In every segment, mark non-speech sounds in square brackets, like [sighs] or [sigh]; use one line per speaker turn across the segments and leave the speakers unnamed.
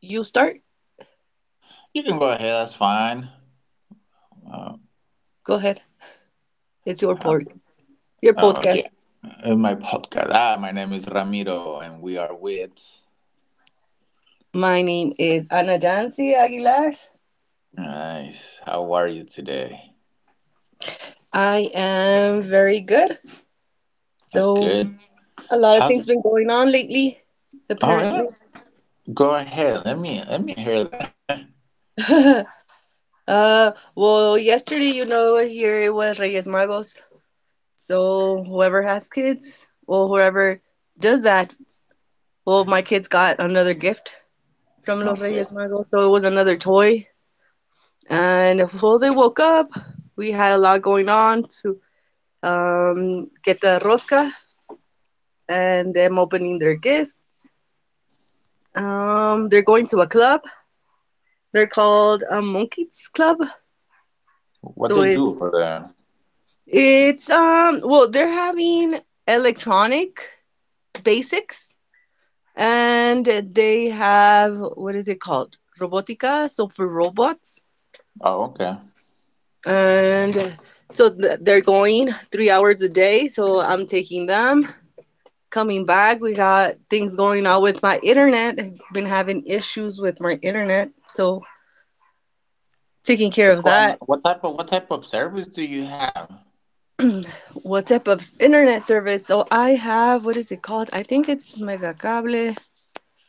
you start.
You can go ahead. That's fine. Uh,
Go ahead. It's your
uh,
pod, your
oh,
podcast.
yeah. In my podcast. Ah, my name is Ramiro, and we are with.
My name is Ana Jancy Aguilar.
Nice. How are you today?
I am very good.
That's
So
good.
a lot of
How?
things been going on lately,
All
apparently.
right. Go ahead. Let me hear that.
[laughs] Well, yesterday, you know, here it was Reyes Magos. So whoever has kids, or whoever does that, well, my kids got another gift from Los
[laughs] Okay.
Reyes Magos. So it was another toy. And before they woke up, we had a lot going on to get the rosca and them opening their gifts. They're going to a club. They're called a Monkeys Club.
What
So
they
it
do over there?
it's um well, they're having electronic basics, and they have, what is it called, robotica, so for robots.
Oh, okay.
And so they're going 3 hours a day, so I'm taking them. Coming back, we got things going on with my internet. I've been having issues with my internet, so taking care
What's
of
going on?
that.
What type of service do you have?
What type of internet service? So I have, what is it called? I think it's Mega Cable.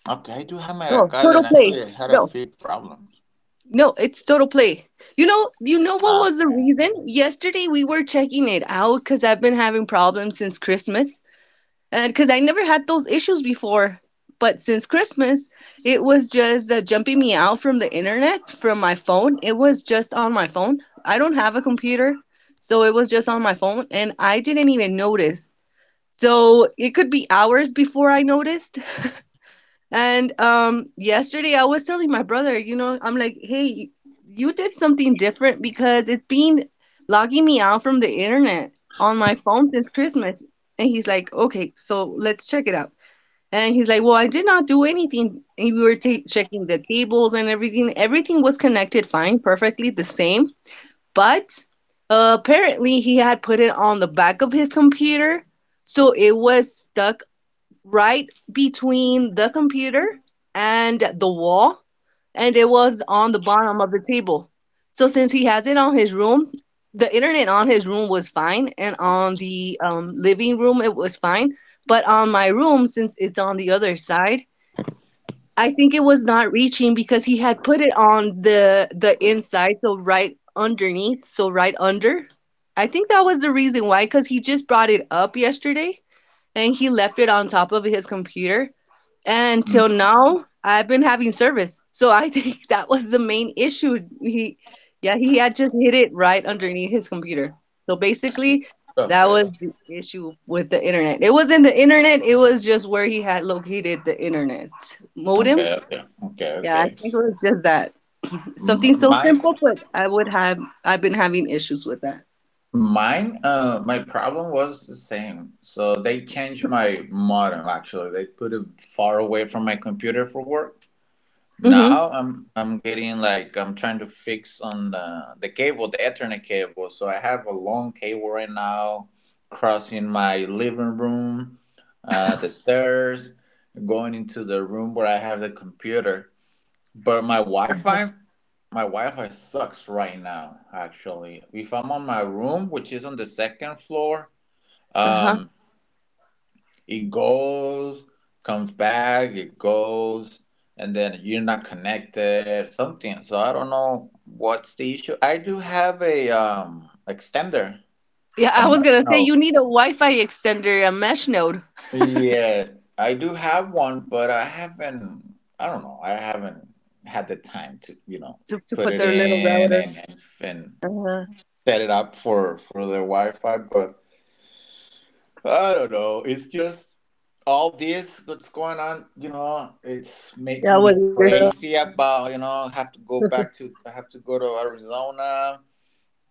Okay, I do have
No,
Meracal, and
Total Play.
actually, I had a
No.
few problems.
No, it's Total Play. You know, what
Ah,
was the
okay.
reason? Yesterday we were checking it out because I've been having problems since Christmas, and because I never had those issues before. But since Christmas, it was just jumping me out from the internet, from my phone. It was just on my phone. I don't have a computer, so it was just on my phone, and I didn't even notice. So it could be hours before I noticed. And yesterday, I was telling my brother, you know, I'm like, hey, you did something different because it's been logging me out from the internet on my phone since Christmas. And he's like, okay, so let's check it out. And he's like, "Well, I did not do anything." And we were ta checking the cables and everything. Everything was connected fine, perfectly the same. But apparently, he had put it on the back of his computer, so it was stuck right between the computer and the wall, and it was on the bottom of the table. So since he has it on his room, the internet on his room was fine, and on the living room it was fine. But on my room, since it's on the other side, I think it was not reaching because he had put it on the inside, so right underneath, so right under. I think that was the reason why, because he just brought it up yesterday and he left it on top of his computer, and till
Mm.
now, I've been having service. So I think [laughs] that was the main issue. He, yeah, he had just hit it right underneath his computer. So basically, that
Okay.
was the issue with the internet. It wasn't the internet, it was just where he had located the internet modem.
Okay. Okay. Okay.
Yeah, I
Okay.
think it was just that. Something
M-
so
Mine,
simple, but I would have, I've been having issues with that.
my problem was the same. So they changed my modem actually. They put it far away from my computer for work.
Mm-hmm.
Now I'm getting like I'm trying to fix on the cable, the Ethernet cable. So I have a long cable right now crossing my living room, the stairs, going into the room where I have the computer. But My Wi-Fi sucks right now, actually. If I'm on my room, which is on the second floor,
Uh-huh.
um, it goes, comes back, it goes, and then you're not connected, something. So I don't know what's the issue. I do have a extender,
Yeah,
a
I was
mesh
gonna say
node.
you need a Wi-Fi extender, a mesh node
Yeah, I do have one, but I haven't, I don't know, I haven't had the time to,
to
put
put
it
their little
in
router.
and
Uh-huh.
set it up for the Wi-Fi, but I don't know. It's just all this that's going on. You know, it's
Yeah,
making
with
me
yourself.
crazy about. I have to go back to. I have to go to Arizona.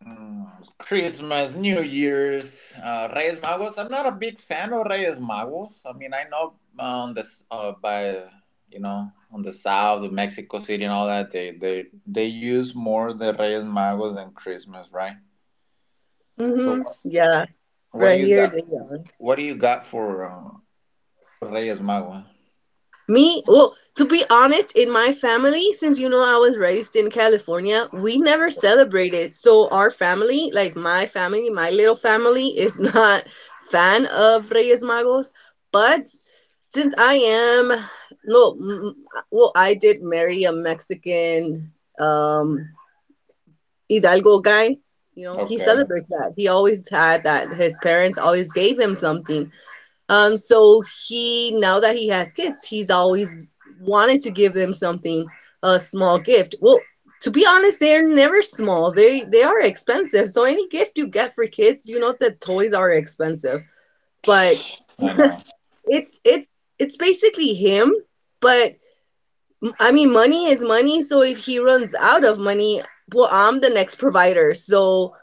Mm, Christmas, New Year's, Reyes Magos. I'm not a big fan of Reyes Magos. I mean, I know on this by you know on the south of Mexico City, and all that they use more the Reyes Magos than Christmas, right? So
Mm-hmm. Yeah,
what do
right
you
here,
got?
the yawn.
What do you got for Reyes Magua?
Me, well, to be honest, in my family, since you know I was raised in California, we never celebrated. So our family, like my family, my little family, is [laughs] not fan of Reyes Magos. But since I am, no, mm, well, I did marry a Mexican um Hidalgo guy. You know, he
Okay,
celebrates that. He always had that. His parents always gave him something. He, now that he has kids, he's always wanted to give them something, a small gift. Well, to be honest, they're never small. They are expensive. So any gift you get for kids, you know that toys are expensive. But
I know.
it's it's basically him. But I mean, money is money. So if he runs out of money, well, I'm the next provider. So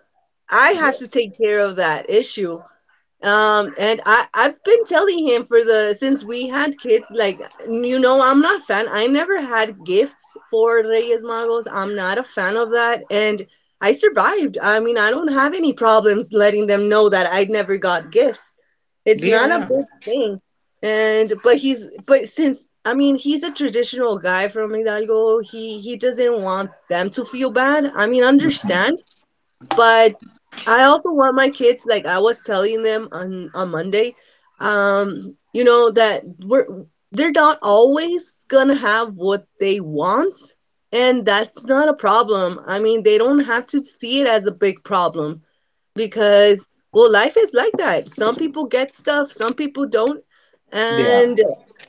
I have
Yeah,
to take care of that issue. And I've been telling him for the, since we had kids, like, you know, I'm not a fan, I never had gifts for Reyes Magos, I'm not a fan of that. And I survived, I mean, I don't have any problems letting them know that I never got gifts. It's not a
yeah,
big thing. And but he's, but since, I mean, he's a traditional guy from Hidalgo, he doesn't want them to feel bad, I mean,
yeah. [laughs]
understand. But I also want my kids, like I was telling them on Monday, you know, that we're, they're not always gonna have what they want, and that's not a problem. I mean, they don't have to see it as a big problem, because well, life is like that, some people get stuff, some people don't. And
Yeah,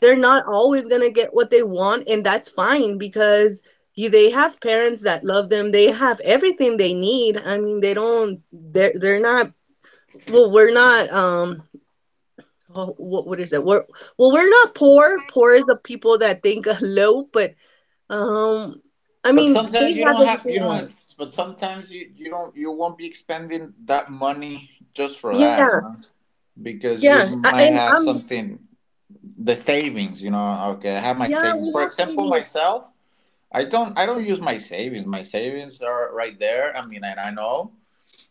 they're not always going to get what they want, and that's fine, because you, they have parents that love them, they have everything they need, I mean, they don't, they're not, well, we're not, oh, what is it, we're, well, we're not poor, poor is the people that think [laughs] low, but um I
but
mean, they
sometimes you
have everything they
don't
want.
have. But sometimes you you don't you won't be expending that money just for that, you
Yeah.
know, because you
Yeah, I,
might
and
have
I'm,
something, the savings, you know. Okay, I have my
yeah,
savings.
we
For
have
example,
savings.
myself, I don't use my savings. My savings are right there. I mean, and I know.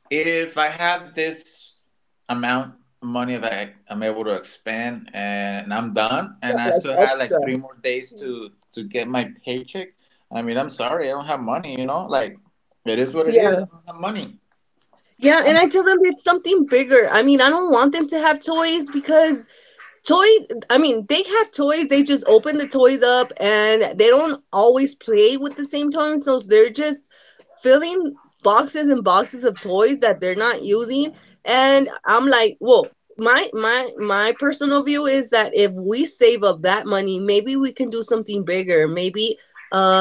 If I have this amount of money that I'm able to expand and I'm done
Yeah,
and I
like
still have like
extra.
three more days
Mhm.
to get my paycheck, I mean, I'm sorry, I don't have money, you know? Like it is what it is. I
Yeah.
don't have money.
Yeah, and
I'm
I
not,
tell them it's something bigger. I mean, I don't want them to have toys because toys, I mean, they have toys, they just open the toys up and they don't always play with the same toys, so they're just filling boxes and boxes of toys that they're not using. And I'm like, "Whoa, my personal view is that if we save up that money, maybe we can do something bigger. Maybe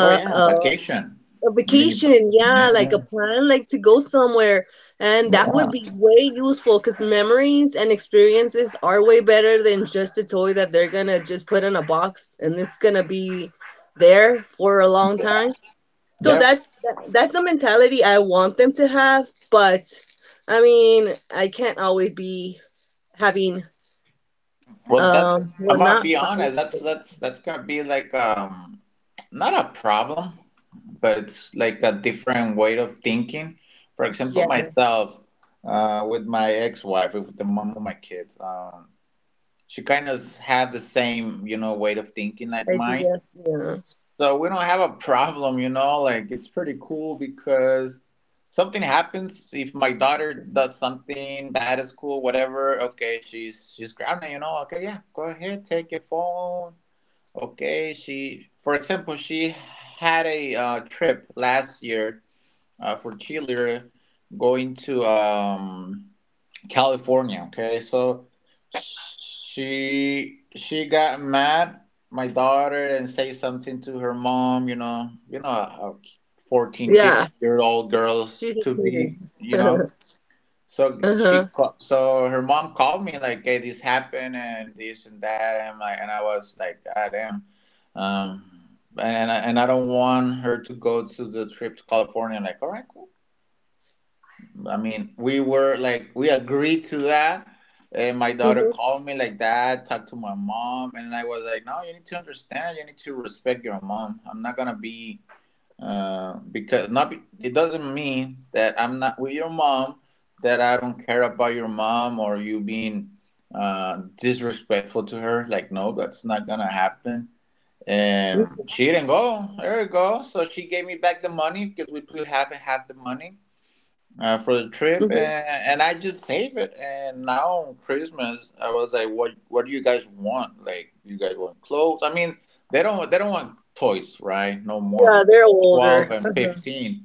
Oh yeah,
a
vacation.
a
I mean if-
vacation, yeah,
yeah,
like
yeah.
a plan, like to go somewhere. And that
Yeah.
would be way useful because memories and experiences are way better than just a toy that they're gonna just put in a box and it's gonna be there for a long time. So
Yep.
that's that's the mentality I want them to have, but I mean, I can't always be having.
Well, that's, I'm
Well,
gonna
not
be
five,
honest. That's gonna be like not a problem, but it's like a different way of thinking. For example,
yeah,
myself, with my ex-wife, with the mom of my kids, she kind of had the same, you know, way of thinking like mine.
idea, yeah,
So we don't have a problem, you know, like it's pretty cool because something happens. If my daughter does something bad at school, whatever, okay, she's grounded, you know. Okay, yeah, go ahead, take your phone. Okay, she, for example, she had a trip last year for cheerleader going to California. Okay, so she got mad. My daughter, and say something to her mom. You know how 14,
yeah,
15-year old girls
she's a
could
teenager.
be. You
[laughs]
know, so
Uh-huh.
her mom called me like, "Hey, this happened and this and that," and like, and I was like, "Ah, damn." Um, and I don't want her to go to the trip to California. Like, all right, cool. I mean, we were like, we agreed to that. And my daughter
Mhm.
called me like that, talked to my mom. And I was like, no, you need to understand. You need to respect your mom. I'm not going to be, it doesn't mean that I'm not with your mom, that I don't care about your mom, or you being disrespectful to her. Like, no, that's not going to happen. And she didn't go. There you go. So she gave me back the money, because we put half and half the money for the trip,
Mhm.
and I just save it. And now on Christmas, I was like, "What? What do you guys want? Like, you guys want clothes?" I mean, they don't want toys, right? No more
Yeah,
because
they're
12
older.
and
Uh-huh.
15.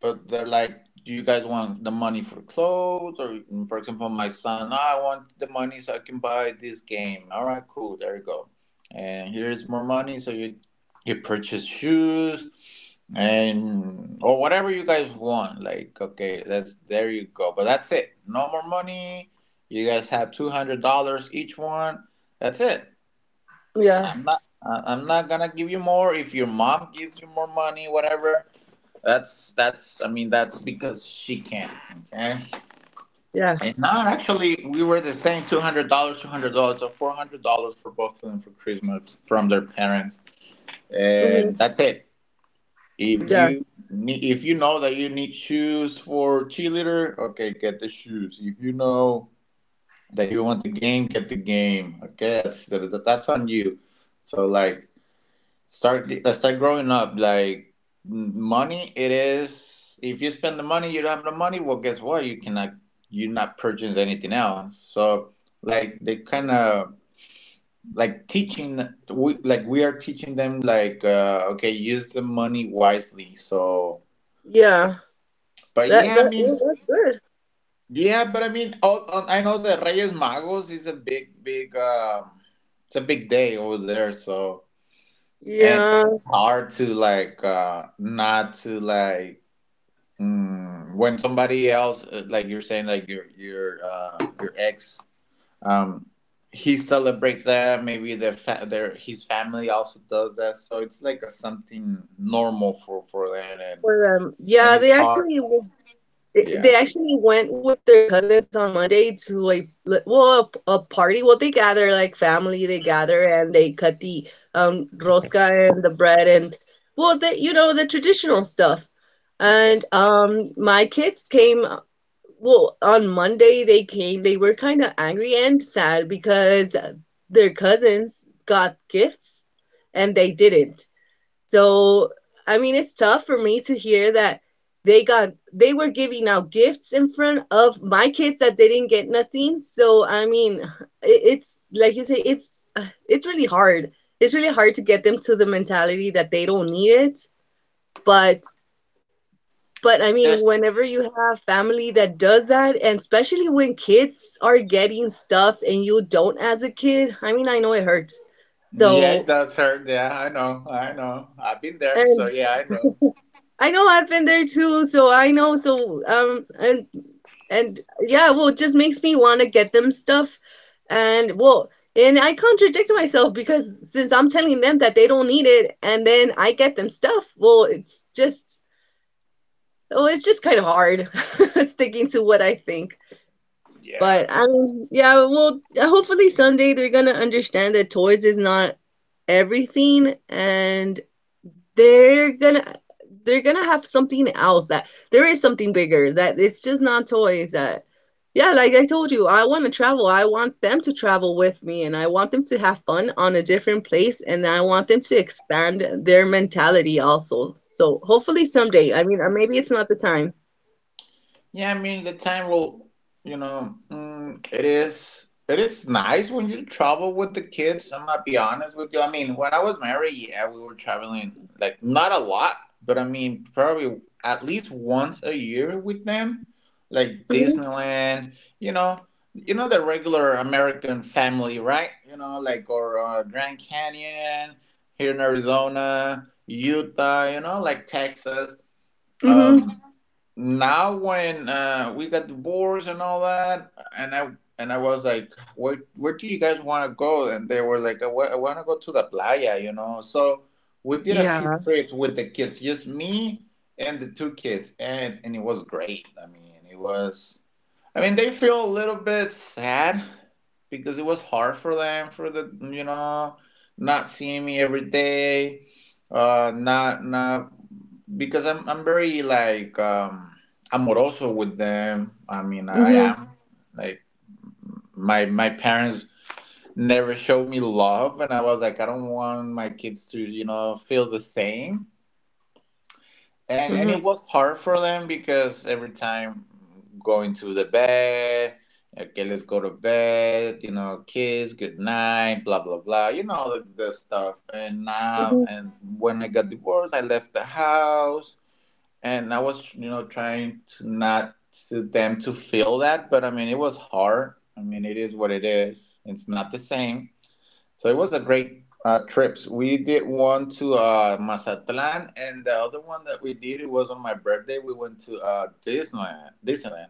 But they're like, "Do you guys want the money for clothes? Or, for example, my son, "Ah, I want the money so I can buy this game." All right, cool, there you go. And here's more money so you purchase shoes and or whatever you guys want. Like, okay, that's there you go, but that's it, no more money. You guys have $200 each one, that's it.
Yeah,
I'm not gonna give you more. If your mom gives you more money, whatever, that's I mean, that's because she can. Okay,
yeah,
and not, actually, we were the same, $200, $200 or $400 for both of them for Christmas from their parents, and
hmm,
that's it. If
yeah,
you need, if you know that you need shoes for cheerleader, okay, get the shoes. If you know that you want the game, get the game. Okay, that's that, that's on you. So like, start let's start growing up. Like, money, it is. If you spend the money, you don't have no money. Well, guess what? You cannot you not purchase anything else. So like, they kind of, like, teaching, we are teaching them like, okay, use the money wisely. So
yeah.
but
That,
yeah, I
that,
mean,
well, that's good.
yeah, but I mean, oh, oh, I know that Reyes Magos is a big, it's a big day over there. So, and
Yeah,
it's hard to like, not to like, mm, when somebody else, like you're saying, like your ex, um, he celebrates that. Maybe their fa- their his family also does that. So it's like a something normal for that,
for them.
and
Yeah,
it's
they
hard.
actually they
Yeah.
actually went with their cousins on Monday to well a party. Well, they gather like family. They gather and they cut the rosca and the bread and well, the, you know, the traditional stuff.
Okay.
And my kids came. Well, on Monday they came. They were kind of angry and sad because their cousins got gifts and they didn't. So, I mean, it's tough for me to hear that they got, they were giving out gifts in front of my kids that they didn't get nothing. So, I mean, it, it's like you say, it's really hard. It's really hard to get them to the mentality that they don't need it, but but I mean, whenever you have family that does that, and especially when kids are getting stuff and you don't as a kid, I mean, I know it hurts.
Yeah, it
So,
does hurt. Yeah, I know. I know. I've been there. So
and
yeah, I know.
I know I've been there too, so I know. So, um, and and yeah, well, it just makes me want to get them stuff. And well, and I contradict myself because since I'm telling them that they don't need it, and then I get them stuff, well, it's just kind of hard [laughs] sticking to what I think.
Yeah.
But I mean, yeah, well, hopefully someday they're gonna understand that toys is not everything, and they're gonna, they're gonna have something else, that there is something bigger, that it's just not toys. That, yeah, like I told you, I want to travel, I want them to travel with me, and I want them to have fun on a different place, and I want them to expand their mentality also. So hopefully someday, I mean, or maybe it's not the time.
Yeah, I mean, you know, mm, it is. It is nice when you travel with the kids. I'm gonna be honest with you. I mean, when I was married, yeah, we were traveling like not a lot, but I mean probably at least once a year with them, like
Mm-hmm.
Disneyland. You know, you know, the regular American family, right? You know, like, or Grand Canyon here in Arizona, Utah. You know, like Texas.
Hmm.
Um, Now when we got divorced and all that, and I was like, where do you guys want to go? And they were like, I want to go to the playa, you know. So we did a few
Yeah.
trips with the kids, just me and the two kids, and it was great. I mean, it was. I mean, they feel a little bit sad because it was hard for them for the, you know, not seeing me every day, not not because I'm very like amoroso with them. I mean, I
Hmm.
am like, my parents never showed me love, and I was like, I don't want my kids to, you know, feel the same. And
Hmm.
it was hard for them because every time going to the bed, okay, let's go to bed, you know, kiss good night, blah blah blah, you know, the stuff. And now
Hmm.
and when I got divorced, I left the house and I was, you know, trying to not to them to feel that. But I mean, it was hard. I mean, it is what it is. It's not the same. So it was a great trips. We did one to Mazatlan, and the other one that we did, it was on my birthday. We went to Disneyland,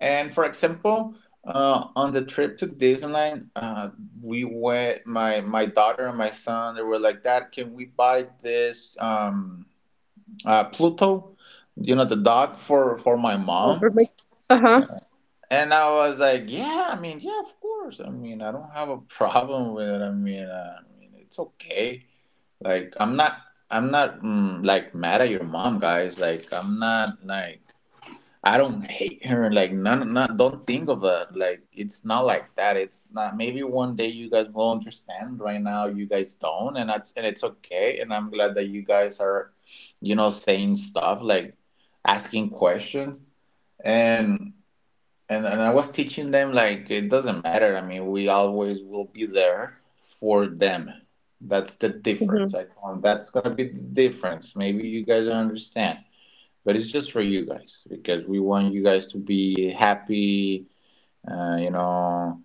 and for example, on the trip to Disneyland, we went. My daughter and my son, they were like, "Dad, can we buy this Pluto? You know, the dog for my mom."
Over my. Uh-huh.
And I was like, "Yeah, I mean, yeah, of course. I mean, I don't have a [laughs] problem with it. I mean, it's okay." Like, I'm not mm, like mad at your mom, guys. Like, I don't hate her. Like, none, not, don't think of it. Like, it's not like that. It's not. Maybe one day you guys will understand. Right now, you guys don't, and that's and it's okay. And I'm glad that you guys are, saying stuff like asking questions and and I was teaching them like it doesn't matter. I mean, we always will be there for them. That's the difference.
Hmm.
I told 'em, that's gonna be the difference. Maybe you guys don't understand, but it's just for you guys because we want you guys to be happy. Uh, you know,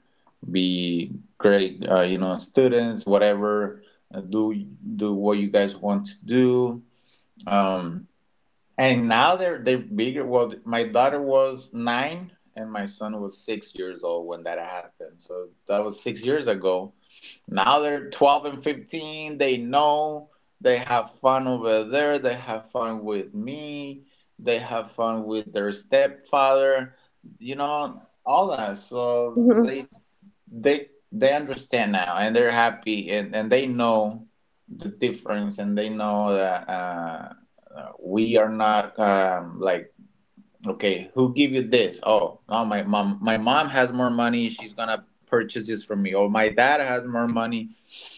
be great. Students, whatever. Uh, do do what you guys want to do. Um, and now they're bigger. Well, my daughter was nine and my son was 6 years old when that happened. So that was 6 years ago. Now they're 12 and 15. They know they have fun over there. They have fun with me. They have fun with their stepfather. You know all that.
Hmm.
So they Yeah they understand now and they're happy and they know the difference and they know that we are not like okay who give you this oh my mom has more money she's gonna purchase this for me or my dad has more money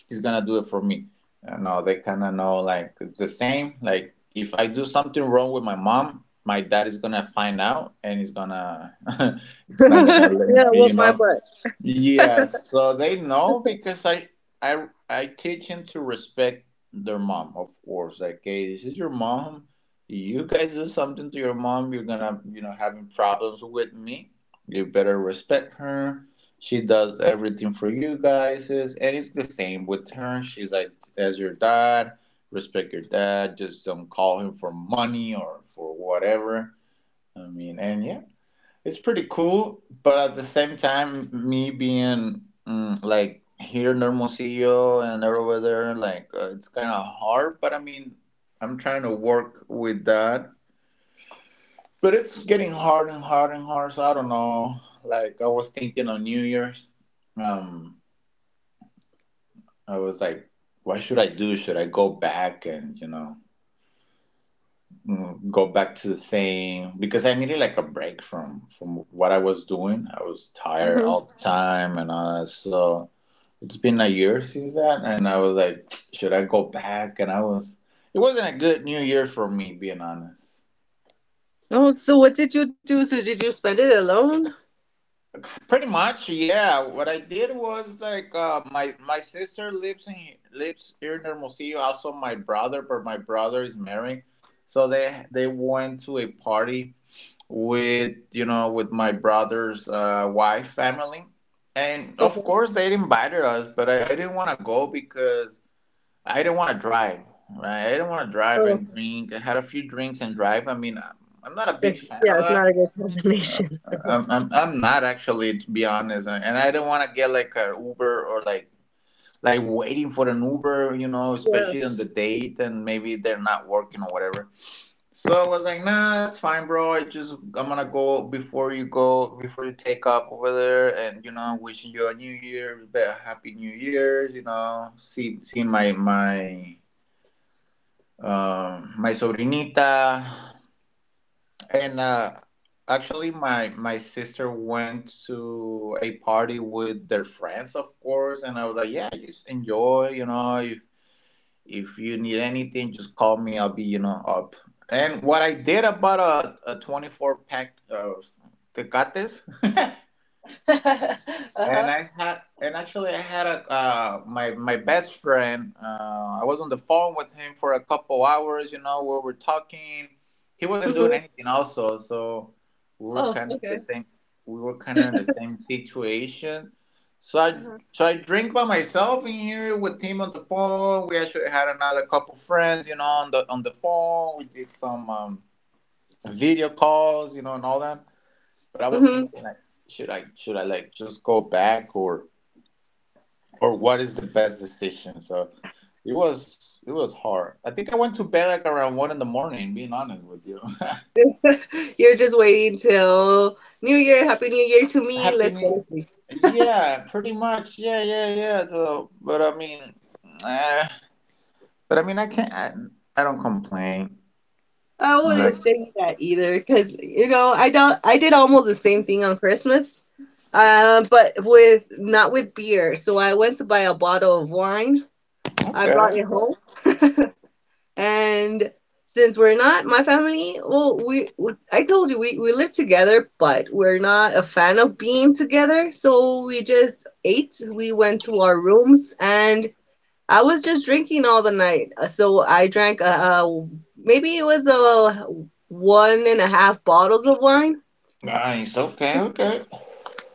he's gonna do it for me you know they kind of know like it's the same like if I do something wrong with my mom my dad is gonna find out and he's gonna [laughs] it's not gonna
[laughs]
let me,
Yeah, whoop
you
my
know.
butt.
Yes, so they know because I teach him to respect their mom, of course. Like, hey, this is your mom. You guys do something to your mom, you're gonna, you know, having problems with me. You better respect her. She does everything for you guys, is- and it's the same with her. She's like, as your dad, respect your dad. Just don't call him for money or for whatever. I mean, and yeah, it's pretty cool, but at the same time, me being like here in Hermosillo and over there, like it's kind of hard. But I mean, I'm trying to work with that. But it's getting hard and hard and hard. So I don't know. Like I was thinking on New Year's, um, I was like, what should I do? Should I go back and go back to the same? Because I needed like a break from what I was doing. I was tired
Hmm.
all the time and all that. So it's been a year since that, and I was like, should I go back? It wasn't a good New Year for me, being honest.
Oh, so what did you do? So did you spend it alone?
Pretty much, yeah. What I did was like, my sister lives in lives here in Hermosillo. Also, my brother, but my brother is married, so they went to a party with you know with my brother's wife family, and of
Okay.
course they invited us, but I didn't want to go because I didn't want to drive, right? I didn't want to drive
Oh, okay.
and drink. I had a few drinks and drive. I mean, I'm not a
It's,
big fan
yeah,
of
it's not
that.
a good combination. [laughs]
I'm not actually, to be honest. And I didn't want to get like a Uber or like waiting for an Uber, you know,
Yeah.
especially on the date and maybe they're not working or whatever. So I was like, nah, that's fine, bro. I'm gonna go before you take off over there, and you know, wishing you a new year, a happy new year. You know, seeing my my sobrinita, and actually my sister went to a party with their friends, of course, and I was like, yeah, just enjoy, you know. If you need anything, just call me. I'll be, you know, up. And what I did about a 24 pack of tecates [laughs]
[laughs]
And
Uh-huh.
I had, and actually, I had a my best friend. I was on the phone with him for a couple hours. You know, where we are talking. He wasn't doing
Hmm.
anything, also, so we were
Oh,
kind of the
okay.
same. We were kind of in the same situation. So I
Uh-huh.
so I drink by myself in here with him on the phone. We actually had another couple friends, you know, on the phone. We did some video calls, you know, and all that. But I was
Hmm.
thinking like, should I like just go back or what is the best decision. So it was hard. I think I went to bed like around one in the morning, being honest with you.
You're just waiting till New Year. Happy New Year to
[laughs]
me. Let's
Happening.
go.
Yeah, pretty much, yeah, yeah, yeah. So but I mean eh, but I mean I can't I don't complain.
I wouldn't
Like
say that either, because you know, I don't. I did almost the same thing on Christmas, but with not with beer. So I went to buy a bottle of wine. I brought
okay.
it home, and since we're not my family, well, we I told you we live together, but we're not a fan of being together. So we just ate. We went to our rooms, and I was just drinking all the night. So I drank a maybe it was a one and a half bottles of wine.
Nice, okay, okay,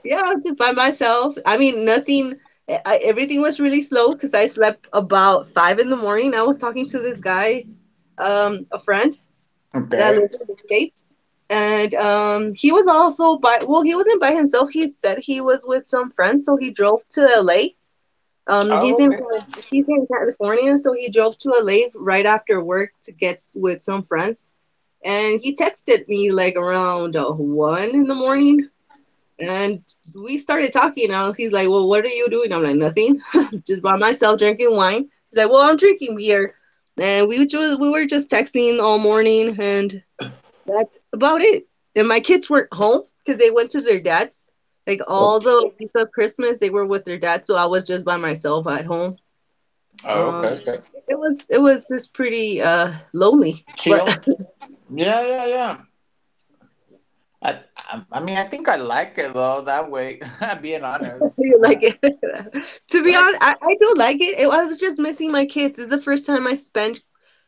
Yeah, just by myself. I mean, nothing. Everything was really slow because I slept about five in the morning. I was talking to this guy, a friend that
okay.
lives in the states, and he was also by. He wasn't by himself. He said he was with some friends, so he drove to LA.
Oh, okay,
He's in California, so he drove to LA right after work to get with some friends. And he texted me like around one in the morning, and we started talking. Now he's like, "Well, what are you doing?" I'm like, "Nothing, [laughs] just by myself drinking wine." He's like, "Well, I'm drinking beer," and we were just texting all morning, and that's about it. And my kids weren't home because they went to their dad's. Like all
okay.
the week of Christmas, they were with their dad, so I was just by myself at home.
Oh, okay,
um,
okay.
it was just pretty lonely, but
Chill. Yeah, yeah, yeah. I mean I think I like it though that way [laughs] being
[laughs]
honest.
you like it. [laughs] To be
Like
honest, I do like it. I was just missing my kids. It's the first time I spent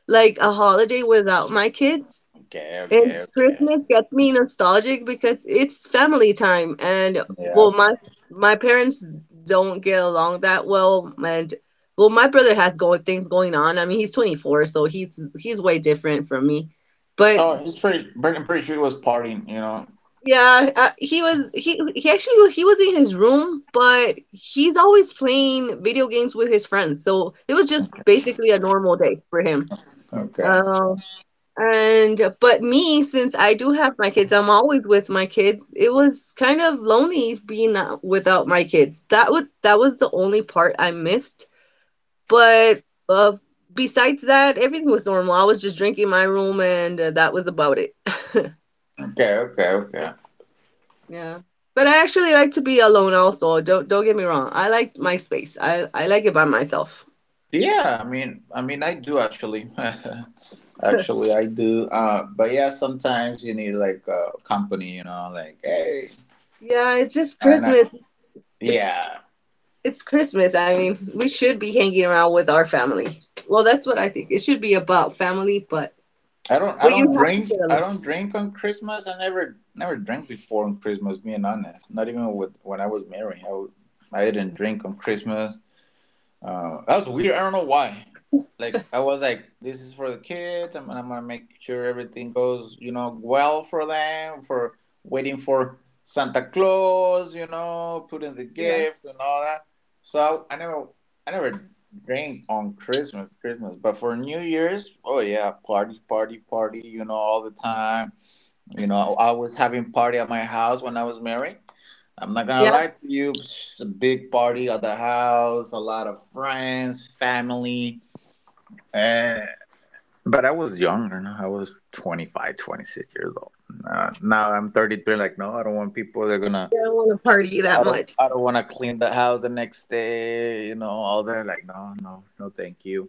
like a holiday without my kids,
okay,
and
okay, okay.
Christmas gets me nostalgic because it's family time. And
Yeah.
well, my parents don't get along that well, and well, my brother has going things going on. I mean, he's 24, so he's way different from me. But
Oh, it's pretty. I'm pretty sure he was partying. You know.
yeah, he was he actually he was in his room, but he's always playing video games with his friends. So it was just basically a normal day for him.
Okay,
Um, and but me, since I do have my kids, I'm always with my kids. It was kind of lonely being not without my kids. That was the only part I missed. But uh, besides that, everything was normal. I was just drinking my room, and that was about it. [laughs]
okay, okay. Okay.
Yeah. But I actually like to be alone also. Don't get me wrong. I like my space. I like it by myself.
Yeah. I mean. I mean. I do actually. [laughs] Actually, I do. But yeah, sometimes you need like company. You know, like hey.
Yeah, it's just
And I,
Christmas. It's
yeah.
it's Christmas. I mean, we should be hanging around with our family. Well, that's what I think. It should be about family,
I
but
don't
you have to
drink.
get
I
along.
don't drink on Christmas. I never. Never drank before on Christmas. Being honest, not even with when I was married. I didn't drink on Christmas. That was weird. I don't know why. Like I was like, this is for the kids. I'm gonna make sure everything goes, you know, well for them. For waiting for Santa Claus, you know, putting the
Yeah.
gift and all that. So I never drink on Christmas, Christmas. But for New Year's, oh yeah, party, party, party. You know, all the time. You know, I was having party at my house when I was married. I'm not gonna
Yeah.
lie to you. It's a big party at the house, a lot of friends, family. Eh, but I was younger. No? I was 25, 26 years old. Now I'm 33. Like, no, I don't want people. They're gonna.
I don't want to party that much.
I don't want to clean the house the next day. You know, all that. Like, no, no, no, thank you.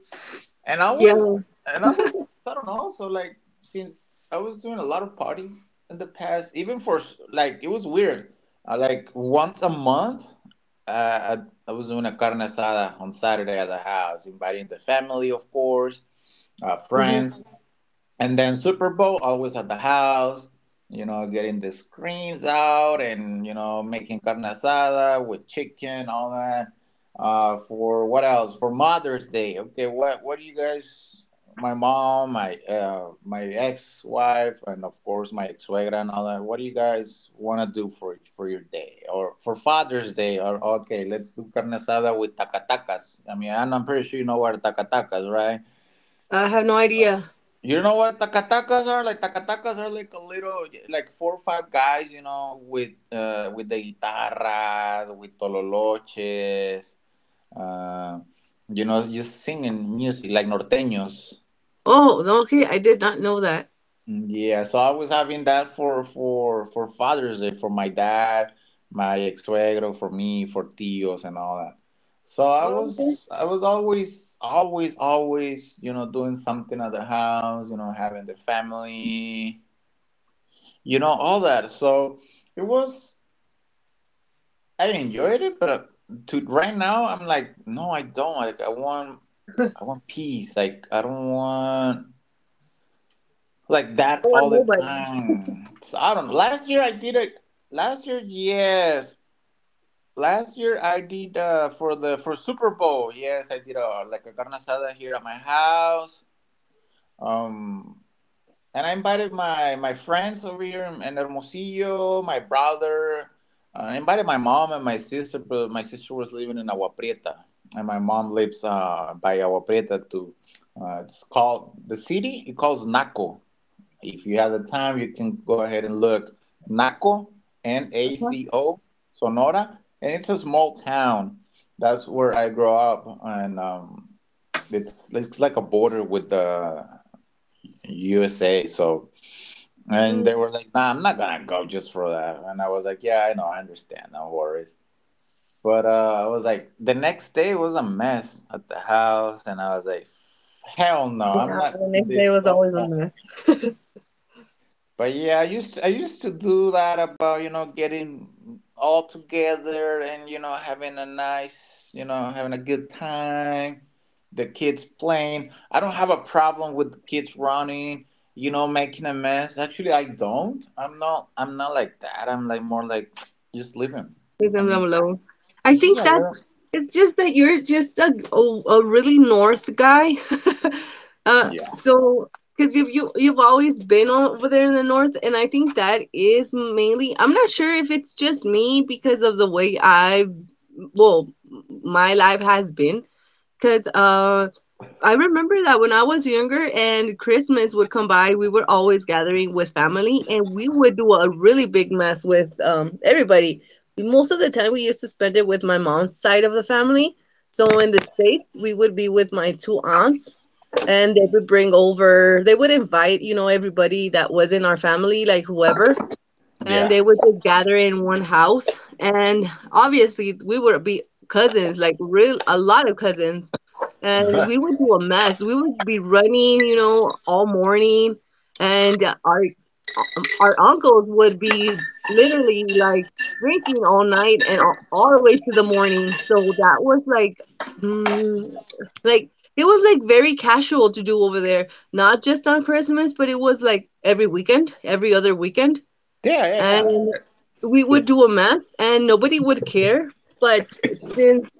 And I
Yeah.
was, and I was, I don't know. So like, since I was doing a lot of party in the past, even for like, it was weird. Like once a month, uh, I I was doing a carne asada on Saturday at the house, inviting the family, of course,
Hmm.
friends. And then Super Bowl always at the house, you know, getting the screens out and you know making carne asada with chicken, all that. For what else? For Mother's Day, okay. What do you guys? My mom, my ex wife, and of course my ex suegra and all that. What do you guys want to do for your day or for Father's Day? Or okay, let's do carne asada with tacatacas. I mean, I'm pretty sure you know what tacatacas, right?
I have no idea.
You know what? Takatakas are like a little like four or five guys, you know, with the guitarras, with tololoches, uh, you know, just singing music like norteños.
Oh, no, okay. I did not know that.
Yeah, so I was having that for for Father's Day for my dad, my ex-suegro, for me, for tios and all that. So
Oh, okay.
I was always always always, you know, doing something at the house, you know, having the family you know all that. So it was I enjoyed it but to right now I'm like no I don't like I want I want peace. Like I don't want like
I
that
don't
all
want
the
nobody.
time. So I don't last year I did it. Last year yes, last year I did for the for Super Bowl, yes, I did a like a carne asada here at my house. um And I invited my friends over here in Hermosillo, my brother. I invited my mom and my sister, but my sister was living in Agua Prieta, and my mom lives by Agua Prieta too. It's called the city. It calls Naco. If you have the time, you can go ahead and look Naco, N A
Uh-huh.
C O, Sonora, and it's a small town. That's where I grew up, and it's like a border with the USA. So and they
Hmm.
were like, nah, I'm not gonna go just for that. And I was like, yeah, I know, I understand, no worries. But I was like, the next day was a mess at the house, and I was like, hell no, I'm
Yeah,
not
the
doing
next
this
day was
no
always a
more."
mess. [laughs]
But yeah, I used to do that about you know getting all together and you know having a nice you know having a good time. The kids playing. I don't have a problem with the kids running. You know, making a mess. Actually, I don't. I'm not. I'm not like that. I'm like more like just living.
Leave
I
them
mean,
alone. I think
yeah,
that's
live.
it's just that you're just a really north guy. [laughs] uh,
Yeah,
so because you've always been over there in the north, and I think that is mainly. I'm not sure if it's just me because of the way I, well, my life has been. Because I remember that when I was younger and Christmas would come by, we were always gathering with family and we would do a really big mess with everybody. Most of the time, we used to spend it with my mom's side of the family. So in the States, we would be with my two aunts and they would invite, you know, everybody that was in our family, like whoever and
yeah,
they would just gather in one house. And obviously, we would be cousins, like real a lot of cousins,
[laughs]
and
yeah,
we would do a mess. We would be running, you know, all morning, and our uncles would be literally like drinking all night and all the way to the morning. So that was like, mm, like it was like very casual to do over there, not just on Christmas, but it was like every weekend, every other weekend
yeah, yeah.
and we would
It's
do a mess and nobody would care. But since